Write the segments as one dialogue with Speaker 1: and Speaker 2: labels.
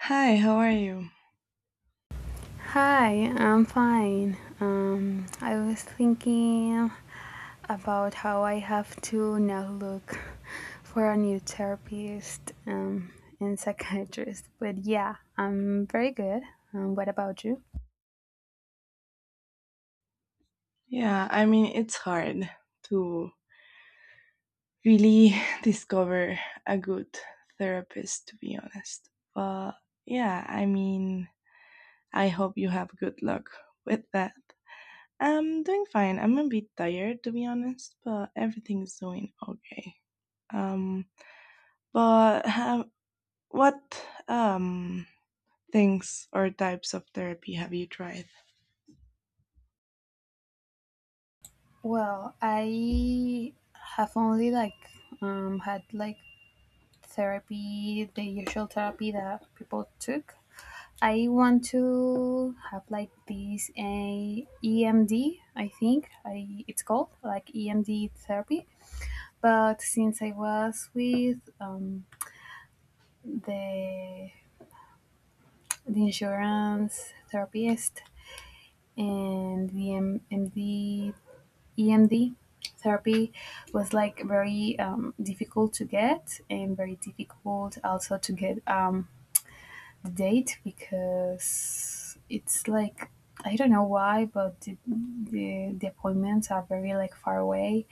Speaker 1: Hi, how are you?
Speaker 2: Hi, I'm fine. I was thinking about how I have to now look for a new therapist and psychiatrist. But yeah, I'm very good. What about you?
Speaker 1: Yeah, I mean, it's hard to really discover a good therapist, to be honest. But yeah, I mean, I hope you have good luck with that. I'm doing fine. I'm a bit tired, to be honest, but everything's doing okay. Um, but have, what um things or types of therapy have you tried?
Speaker 2: Well, I have only like had like therapy, the usual therapy that people took. I want to have like this a EMD, I think it's called like EMD therapy. But since I was with the the insurance therapist and the MD EMD therapy was like very difficult to get and very difficult also to get date, because it's like I don't know why, but the appointments are very like far away,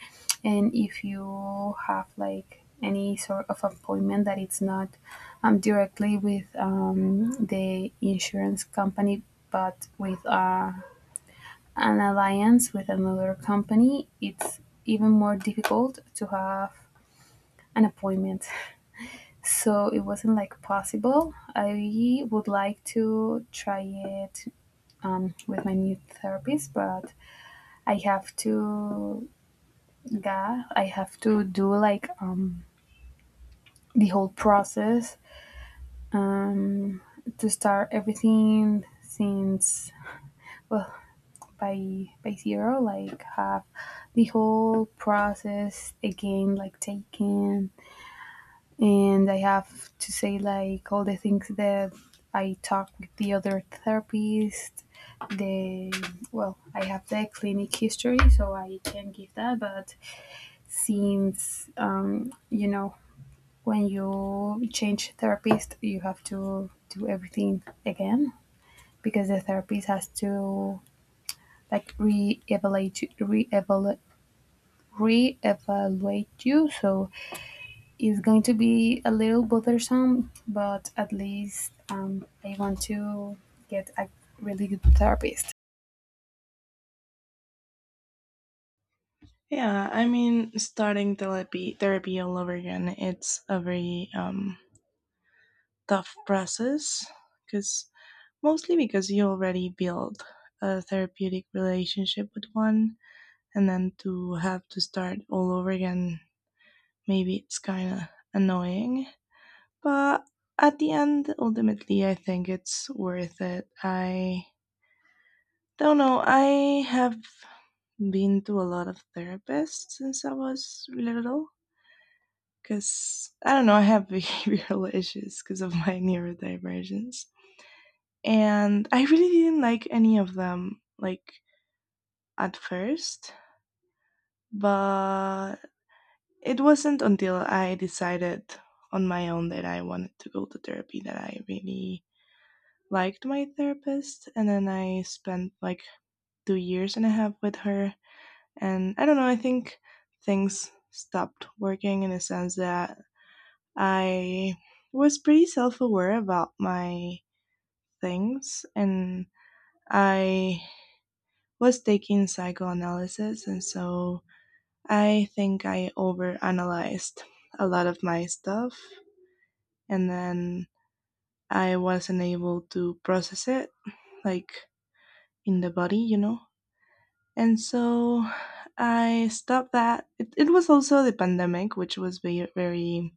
Speaker 2: and if you have like any sort of appointment that it's not directly with the insurance company, but with an alliance with another company, it's even more difficult to have an appointment. So it wasn't like possible. I would like to try it with my new therapist, but I have to, yeah, I have to do like the whole process um, to start everything since well by zero, like have the whole process again, like taking. And I have to say like all the things that I talk with the other therapist. The I have the clinic history, so I can give that. But since you know, when you change therapist, you have to do everything again because the therapist has to like re-evaluate you. So it's going to be a little bothersome, but at least I want to get a really good therapist.
Speaker 1: Yeah, I mean, starting therapy all over again, it's a very tough process, because mostly because you already build a therapeutic relationship with one, and then to have to start all over again, maybe it's kind of annoying. But at the end, ultimately, I think it's worth it. I don't know. I have been to a lot of therapists since I was little, because I don't know, I have behavioral issues because of my neurodivergence. And I really didn't like any of them, like at first, but it wasn't until I decided on my own that I wanted to go to therapy that I really liked my therapist. And then I spent like 2 years and a half with her. And I don't know, I think things stopped working in the sense that I was pretty self aware about my things, and I was taking psychoanalysis, and so I think I overanalyzed a lot of my stuff, and then I wasn't able to process it like in the body. And so I stopped that. It was also the pandemic, which was very, very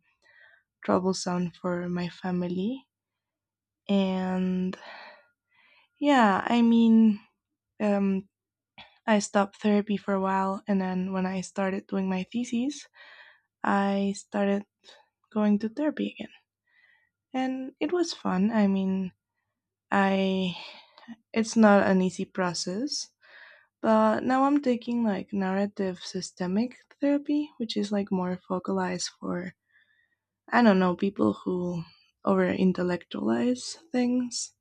Speaker 1: troublesome for my family. And yeah, I mean, um, I stopped therapy for a while, and then when I started doing my thesis, I started going to therapy again. And it was fun. I mean, I it's not an easy process, but now I'm taking like narrative systemic therapy, which is like more focalized for, I don't know, people who over intellectualize things.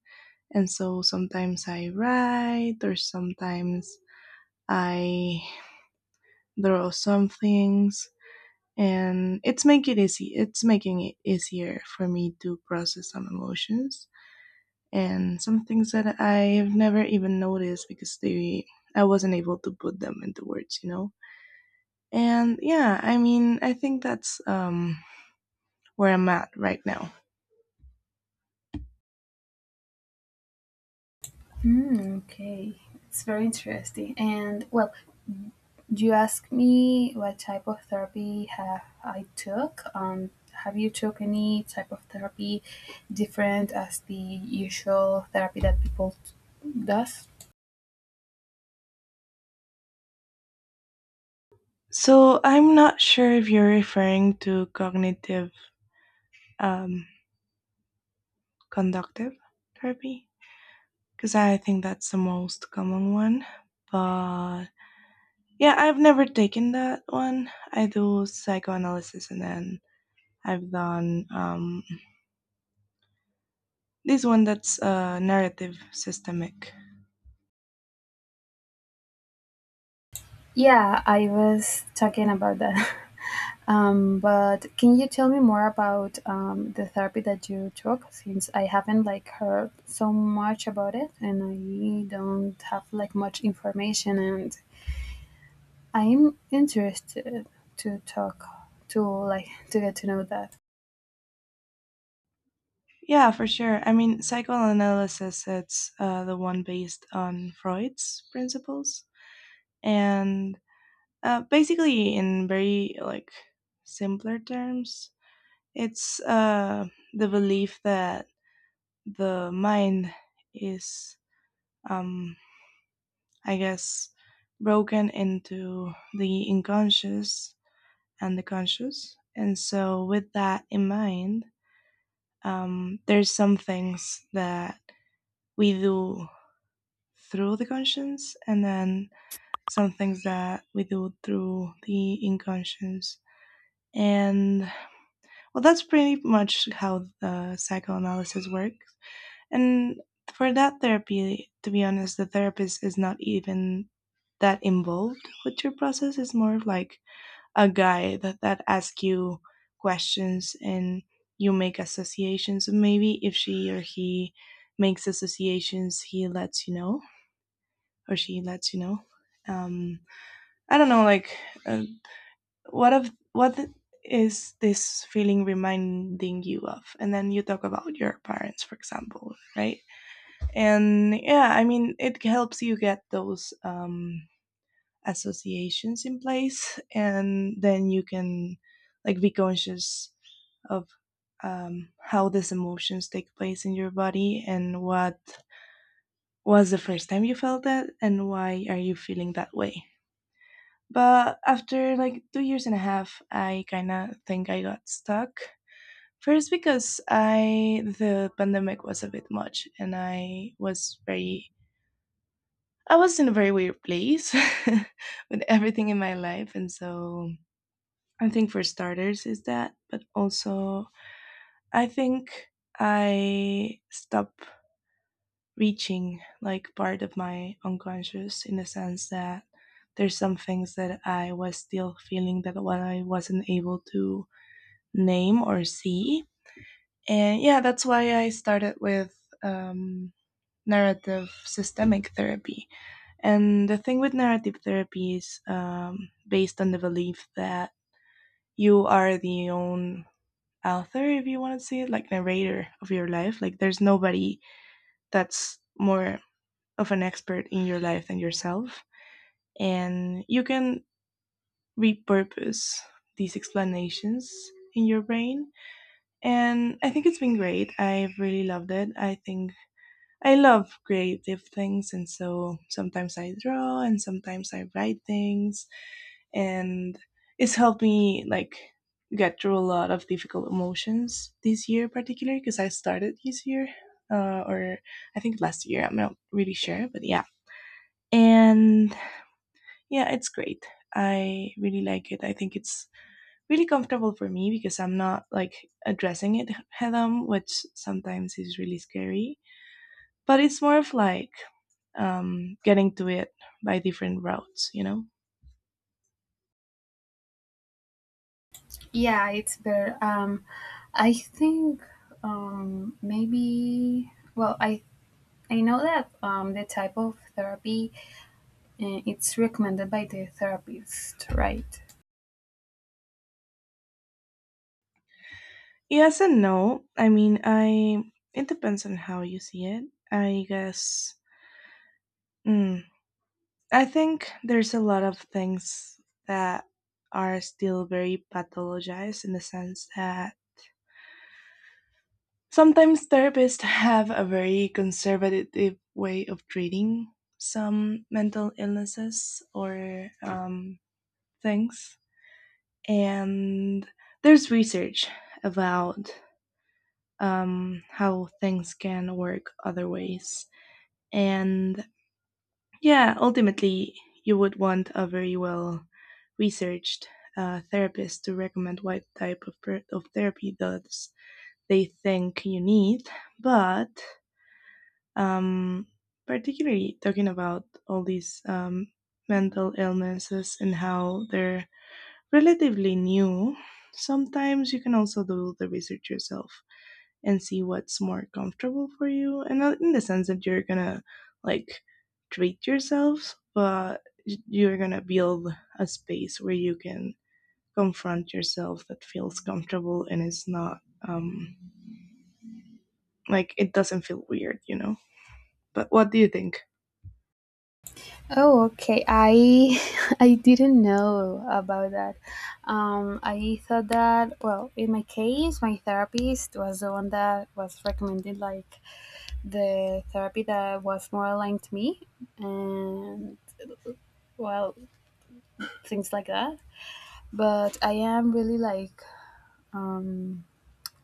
Speaker 1: And so sometimes I write, or sometimes I draw some things, and it's making it easier for me to process some emotions and some things that I've never even noticed, because they I wasn't able to put them into words. And yeah, I mean, I think that's where I'm at right now.
Speaker 2: Hmm, okay, it's very interesting. And well, you asked me what type of therapy have I took. Have you took any type of therapy different as the usual therapy that people does?
Speaker 1: So I'm not sure if you're referring to cognitive um conductive therapy, because I think that's the most common one. But yeah, I've never taken that one. I do psychoanalysis, and then I've done, this one that's, narrative systemic.
Speaker 2: Yeah, I was talking about that. But can you tell me more about the therapy that you took? Since I haven't like heard so much about it, and I don't have like much information, and I'm interested to talk to like to get to know that.
Speaker 1: Yeah, for sure. I mean, psychoanalysis, it's, the one based on Freud's principles. And Basically, in very like simpler terms, it's, the belief that the mind is, um, I guess, broken into the unconscious and the conscious. And so, with that in mind, there's some things that we do through the conscience, and then some things that we do through the unconscious. And well, that's pretty much how psychoanalysis works. And for that therapy, to be honest, the therapist is not even that involved with your process. It's more of like a guy that asks you questions, and you make associations. And maybe if she or he makes associations, he lets you know, or she lets you know. Um, I don't know, like, uh, what of what is this feeling reminding you of? And then you talk about your parents, for example, right? And yeah, I mean, it helps you get those associations in place, and then you can like be conscious of how these emotions take place in your body, and what was the first time you felt that, and why are you feeling that way. But after like 2 years and a half, I kind of think I got stuck. First, because I the pandemic was a bit much, and I was in a very weird place with everything in my life, and so I think for starters is that, but also I think I stopped reaching like part of my unconscious, in the sense that there's some things that I was still feeling that what I wasn't able to name or see. And yeah, that's why I started with, um, narrative systemic therapy. And the thing with narrative therapy is, based on the belief that you are the own author, if you want to say it, like narrator of your life. Like there's nobody that's more of an expert in your life than yourself. And you can repurpose these explanations in your brain, and I think it's been great. I've really loved it. I think I love creative things, and so sometimes I draw and sometimes I write things, and it's helped me like get through a lot of difficult emotions this year, particularly because I started this year, or I think last year. I'm not really sure, but yeah. And yeah, it's great. I really like it. I think it's really comfortable for me because I'm not like addressing it head on, which sometimes is really scary. But it's more of like, getting to it by different routes, you know?
Speaker 2: Yeah, it's better. I think um, maybe. Well, I I know that the type of therapy, it's recommended by the therapist, right?
Speaker 1: Yes and no. I mean, I it depends on how you see it, I guess. Hmm. I think there's a lot of things that are still very pathologized in the sense that sometimes therapists have a very conservative way of treating some mental illnesses or, things. And there's research about how things can work other ways. And yeah, ultimately, you would want a very well researched therapist to recommend what type of, of therapy does they think you need. But um, particularly talking about all these mental illnesses and how they're relatively new, sometimes you can also do the research yourself and see what's more comfortable for you, and not in the sense that you're gonna like treat yourself, but you're gonna build a space where you can confront yourself that feels comfortable, and it's not, um like, it doesn't feel weird, you know? But what do you think?
Speaker 2: Oh, okay. I I didn't know about that. I thought that, well, in my case, my therapist was the one that was recommending like the therapy that was more aligned to me, and well, things like that. But I am really like um,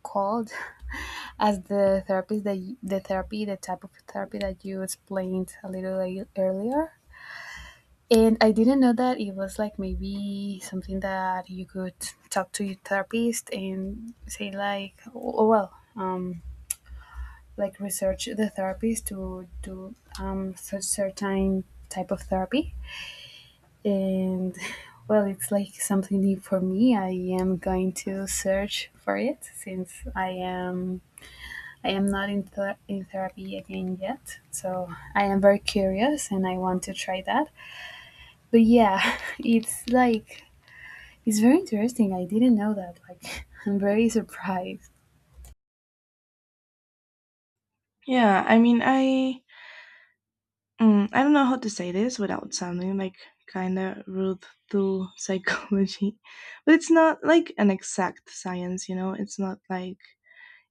Speaker 2: called as the therapist that the therapy, the type of therapy that you explained a little like earlier. And I didn't know that it was like maybe something that you could talk to your therapist and say like, oh well, like research the therapist to do such certain type of therapy. And well, it's like something new for me. I am going to search for it since I am not in therapy again yet. So I am very curious and I want to try that. But yeah, it's like it's very interesting. I didn't know that. Like, I'm very surprised.
Speaker 1: Yeah, I mean, I don't know how to say this without sounding like kind of rude to psychology. But it's not like an exact science, you know? It's not like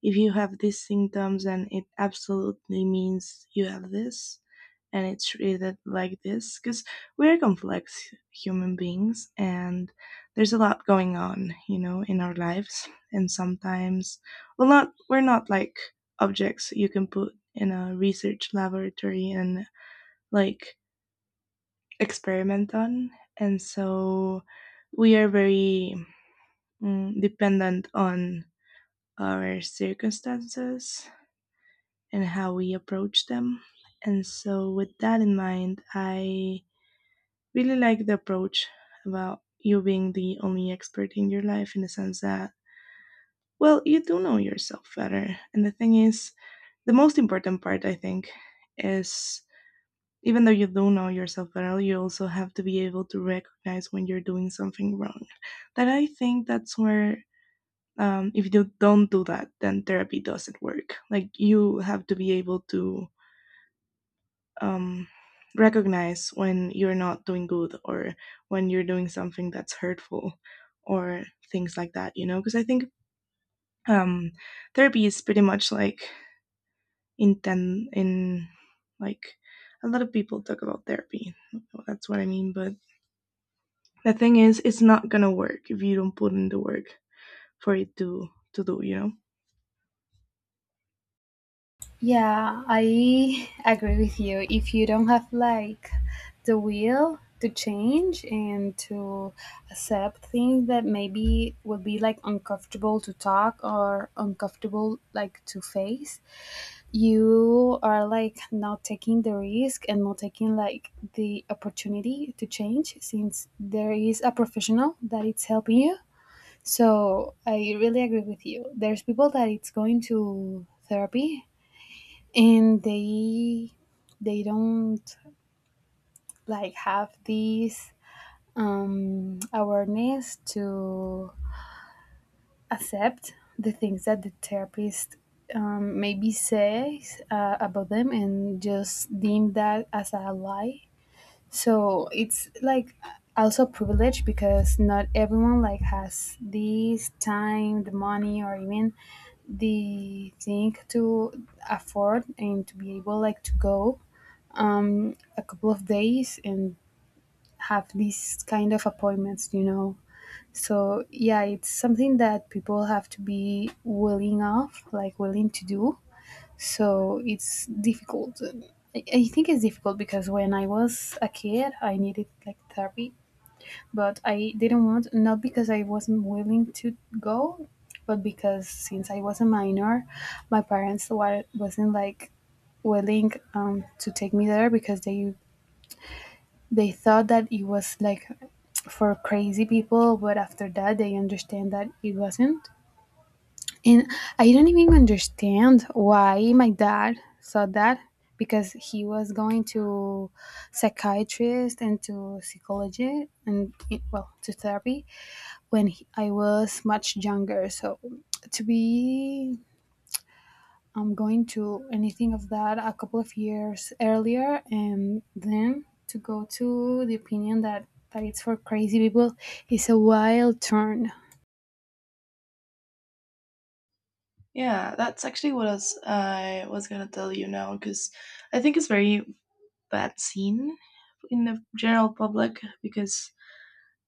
Speaker 1: if you have these symptoms and it absolutely means you have this and it's treated like this, because we're complex human beings, and there's a lot going on, in our lives. And sometimes, well, not, we're not like objects you can put in a research laboratory and like experiment on. And so we are very, dependent on our circumstances and how we approach them. And so, with that in mind, I really like the approach about you being the only expert in your life in the sense that, well, you do know yourself better. And the thing is, the most important part, I think, is, even though you do know yourself better, you also have to be able to recognize when you're doing something wrong. That, I think, that's where, if you don't do that, then therapy doesn't work. Like, you have to be able to, um, recognize when you're not doing good, or when you're doing something that's hurtful, or things like that, because I think um, therapy is pretty much like intent in, like, a lot of people talk about therapy, that's what I mean. But the thing is, it's not gonna work if you don't put in the work for it to do.
Speaker 2: Yeah, I agree with you. If you don't have like the will to change and to accept things that maybe would be like uncomfortable to talk or uncomfortable like to face, you are like not taking the risk and not taking like the opportunity to change, since there is a professional that it's helping you. So I really agree with you. There's people that it's going to therapy and they don't like have this awareness to accept the things that the therapist maybe says about them and just deem that as a lie. So it's like also privilege, because not everyone like has this time, the money, or even the thing to afford and to be able like to go a couple of days and have these kind of appointments, you know. So yeah, it's something that people have to be willing of, like willing to do. So it's difficult. I think it's difficult because when I was a kid I needed like therapy, but I didn't want, not because I wasn't willing to go, but because since I was a minor, my parents wasn't like willing to take me there, because they thought that it was like for crazy people. But after that they understand that it wasn't. And I don't even understand why my dad saw that, because he was going to psychiatrist and to psychology and well to therapy when I was much younger. So to be going to anything of that a couple of years earlier and then to go to the opinion that it's for crazy people is a wild turn.
Speaker 1: Yeah, that's actually what else I was gonna tell you now, because I think it's very bad seen in the general public, because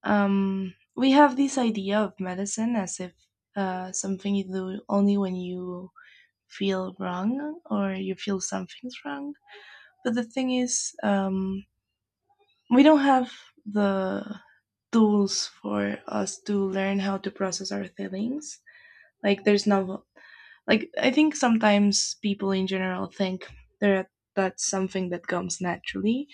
Speaker 1: we have this idea of medicine as if, something you do only when you feel wrong or you feel something's wrong. But the thing is, we don't have the tools for us to learn how to process our feelings. Like there's no like I think sometimes people in general think that that's something that comes naturally,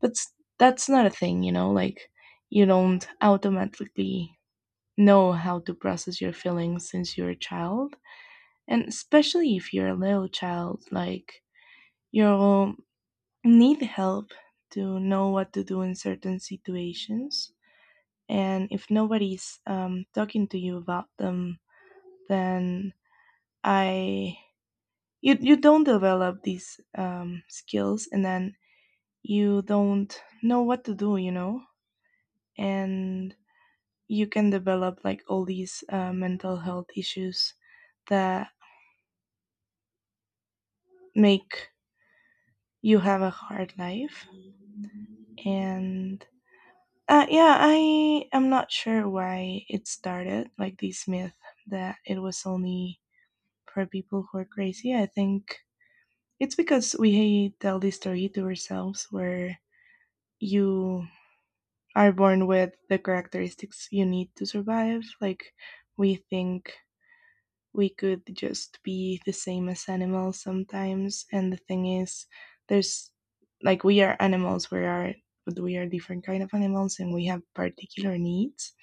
Speaker 1: but that's not a thing. Like, you don't automatically know how to process your feelings since you're a child, and especially if you're a little child, like you'll need help to know what to do in certain situations. And if nobody's talking to you about them, then i you don't develop these skills, and then you don't know what to do. And you can develop like all these mental health issues that make you have a hard life. And yeah, I am not sure why it started like this myth that it was only for people who are crazy, I think. It's because we tell the story to ourselves where you are born with the characteristics you need to survive. Like, we think we could just be the same as animals sometimes. And the thing is, there's like we are animals, we are, but we are different kind of animals and we have particular needs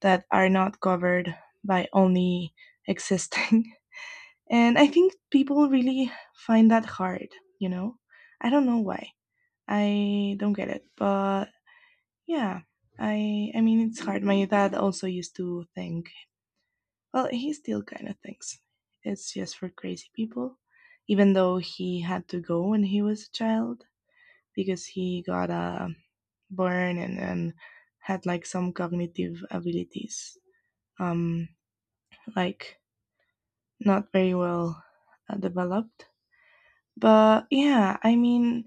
Speaker 1: that are not covered by only existing. And I think people really find that hard, you know? I don't know why. I don't get it, but yeah, I mean it's hard. My dad also used to think. Well, he still kind of thinks it's just for crazy people, even though he had to go when he was a child because he got a burn and had like some cognitive abilities, um, like not very well developed. But yeah, I mean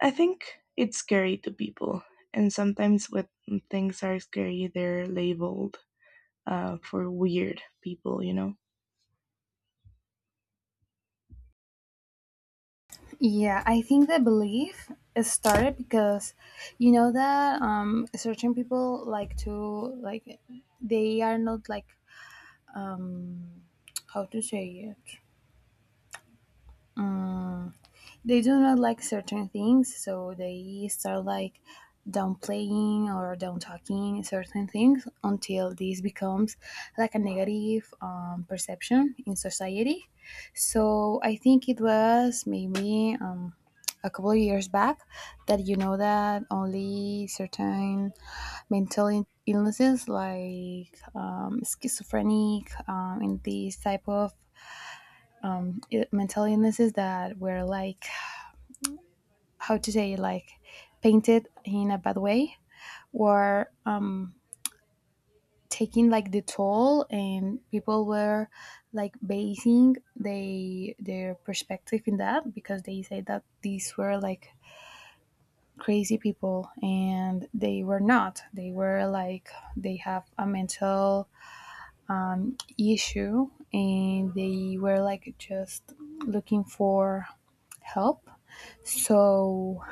Speaker 1: I think it's scary to people, and sometimes when things are scary, they're labeled for weird people, you know.
Speaker 2: Yeah, I think the belief is started because you know that certain people like to like they are not like um, how to say it Mm, they do not like certain things, so they start like downplaying or down talking certain things until this becomes like a negative perception in society. So I think it was maybe a couple of years back that you know that only certain illnesses like schizophrenic and these type of mental illnesses that were like how to say like painted in a bad way were taking like the toll, and people were like basing they their perspective in that, because they said that these were like crazy people and they were not, they were like they have a mental issue and they were like just looking for help. So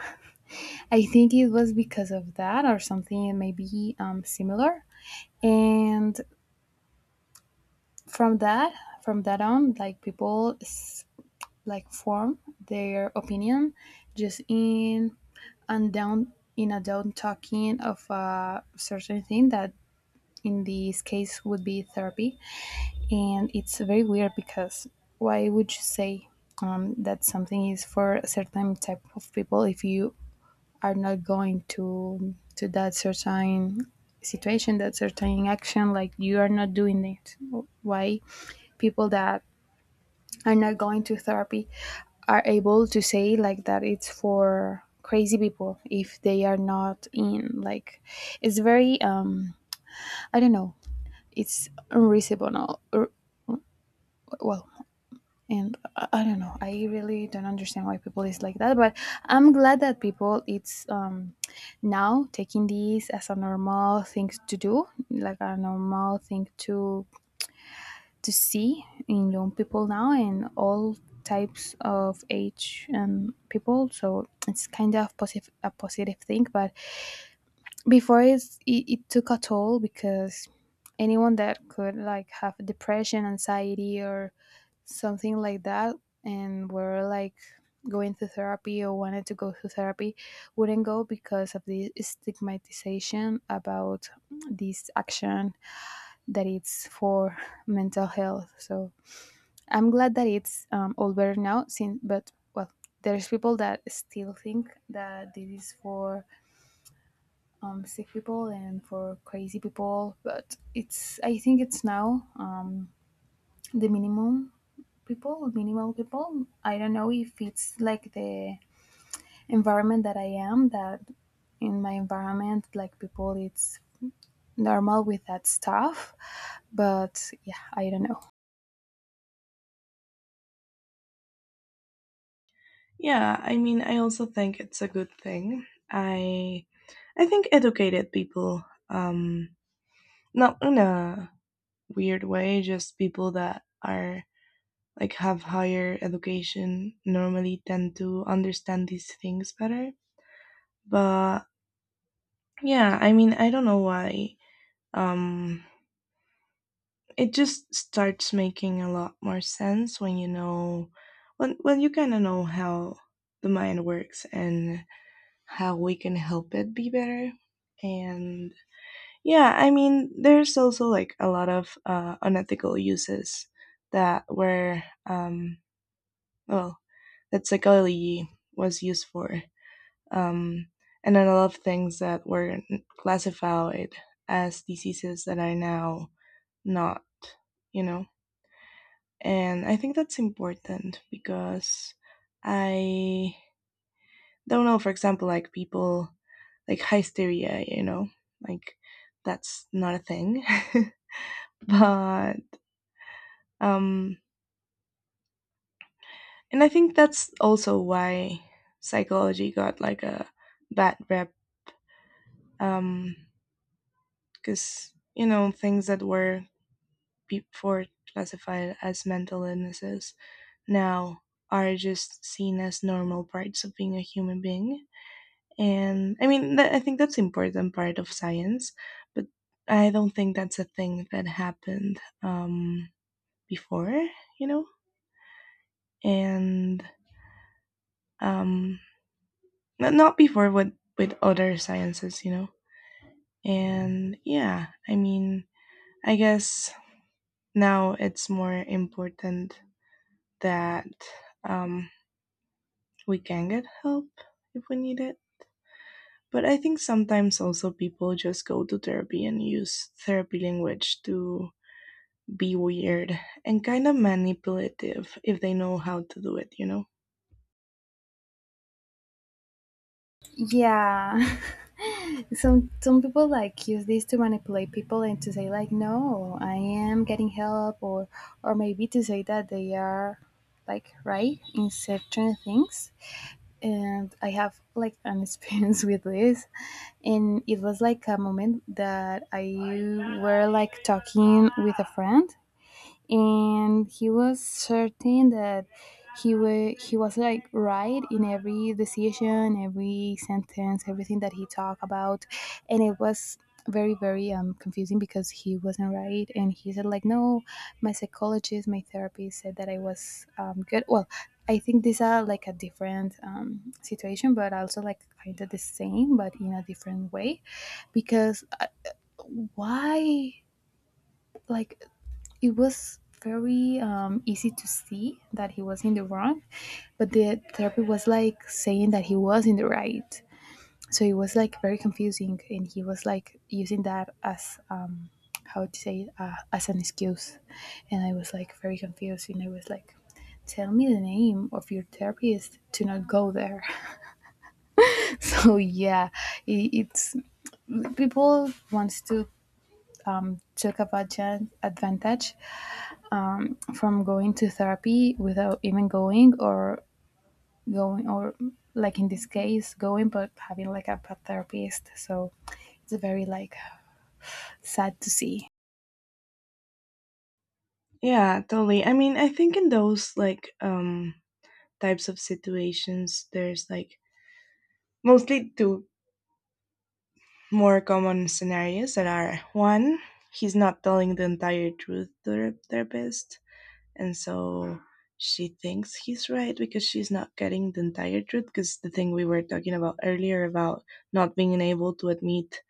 Speaker 2: I think it was because of that or something maybe similar. And from that, from that on, like people like form their opinion just in and down in a down talking of a certain thing that in this case would be therapy. And it's very weird because why would you say that something is for a certain type of people if you are not going to that certain situation, that certain action. Like you are not doing it. Why people that are not going to therapy are able to say like that it's for crazy people if they are not in, like, it's very I don't know, it's unreasonable or, well, and I don't know, I really don't understand why people is like that, but I'm glad that people it's now taking these as a normal thing to do, like a normal thing to see in young people now and all types of age and people. So it's kind of positive, a positive thing. But before it took a toll, because anyone that could like have depression, anxiety, or something like that and were like going to therapy or wanted to go to therapy wouldn't go because of the stigmatization about this action that it's for mental health. So I'm glad that it's all better now since, but well, there's people that still think that this is for sick people and for crazy people. But it's, I think it's now the minimum minimal people. I don't know if it's like the environment that I am, that in my environment like people it's normal with that stuff, but yeah, I don't know.
Speaker 1: Yeah, I mean, I also think it's a good thing. I think educated people, um, not in a weird way, just people that are like have higher education normally tend to understand these things better. But yeah, I mean, I don't know why um it just starts making a lot more sense when you know when you kind of know how the mind works and how we can help it be better. And yeah, I mean, there's also like a lot of unethical uses that were, um well, that psychology was used for. um and then a lot of things that were classified as diseases that are now not, you know. And I think that's important because I don't know, for example, like people like hysteria, you know, like that's not a thing. But um and I think that's also why psychology got like a bad rep, um because you know things that were before classified as mental illnesses now are just seen as normal parts of being a human being. And I mean I think that's important part of science. But I don't think that's a thing that happened before, you know. And um not before with other sciences, you know. And yeah, I mean, I guess now it's more important that um we can get help if we need it. But I think sometimes also people just go to therapy and use therapy language to be weird and kind of manipulative if they know how to do it, you know?
Speaker 2: Yeah, some people like use this to manipulate people and to say like no I am getting help or maybe to say that they are like right in certain things and I have like an experience with this and it was like a moment that I were like talking with a friend and he was certain that he was like right in every decision every sentence everything that he talked about and it was very very confusing because he wasn't right and he said like no my psychologist my therapist said that I was good well I think these are like a different situation but also like kind of the same but in a different way because why like it was very easy to see that he was in the wrong, but the therapy was like saying that he was in the right. So it was like very confusing, and he was like using that as how to say it, as an excuse, and I was like very confused, and I was like, "Tell me the name of your therapist to not go there." so yeah, it, it's people wants to talk about gen- advantage from going to therapy without even going or going or like in this case going but having like a pet therapist so it's very like sad to see
Speaker 1: Yeah, totally. I mean, I think in those like types of situations, there's like mostly two more common scenarios. That are one, he's not telling the entire truth to the therapist, and so she thinks he's right because she's not getting the entire truth. Because the thing we were talking about earlier about not being able to admit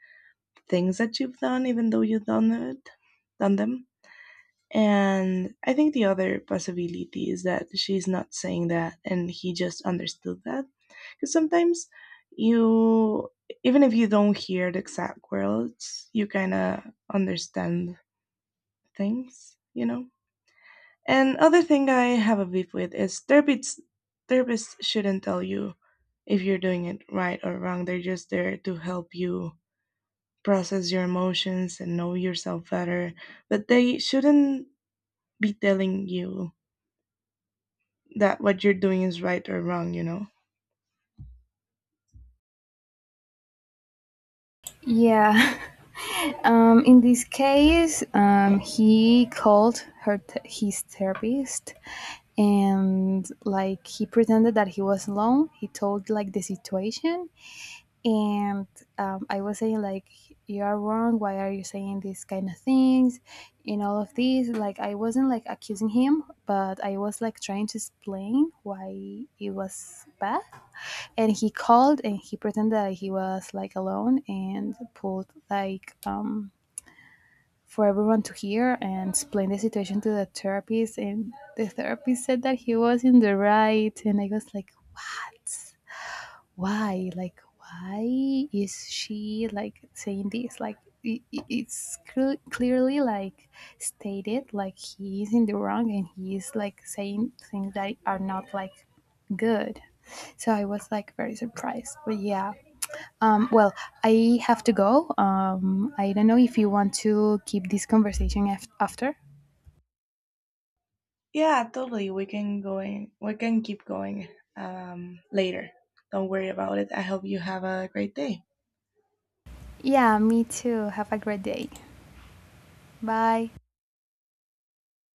Speaker 1: things that you've done, even though done them. And I think the other possibility is that she's not saying that, and he just understood that. Because sometimes you, even if you don't hear the exact words, you kind of understand things, you know. And other thing I have a beef with is therapists. Therapists shouldn't tell you if you're doing it right or wrong. They're just there to help you process your emotions and know yourself better. But they shouldn't be telling you that what you're doing is right or wrong, you know?
Speaker 2: yeah in this case he called his therapist, and like he pretended that he was alone, he told like the situation, and I was saying like, you are wrong, why are you saying these kind of things, and all of this. Like I wasn't like accusing him, but I was like trying to explain why it was bad. And he called and he pretended that he was like alone and pulled like for everyone to hear and explain the situation to the therapist, and the therapist said that he was in the right, and I was like, what, why, like why is she like saying this. Like it's clearly like stated like he is in the wrong and he is like saying things that are not like good. So I was like very surprised. But yeah, well, I have to go. I don't know if you want to keep this conversation after.
Speaker 1: Yeah, totally. We can keep going later. Don't worry about it. I hope you have a great day.
Speaker 2: Yeah, me too, have a great day. Bye.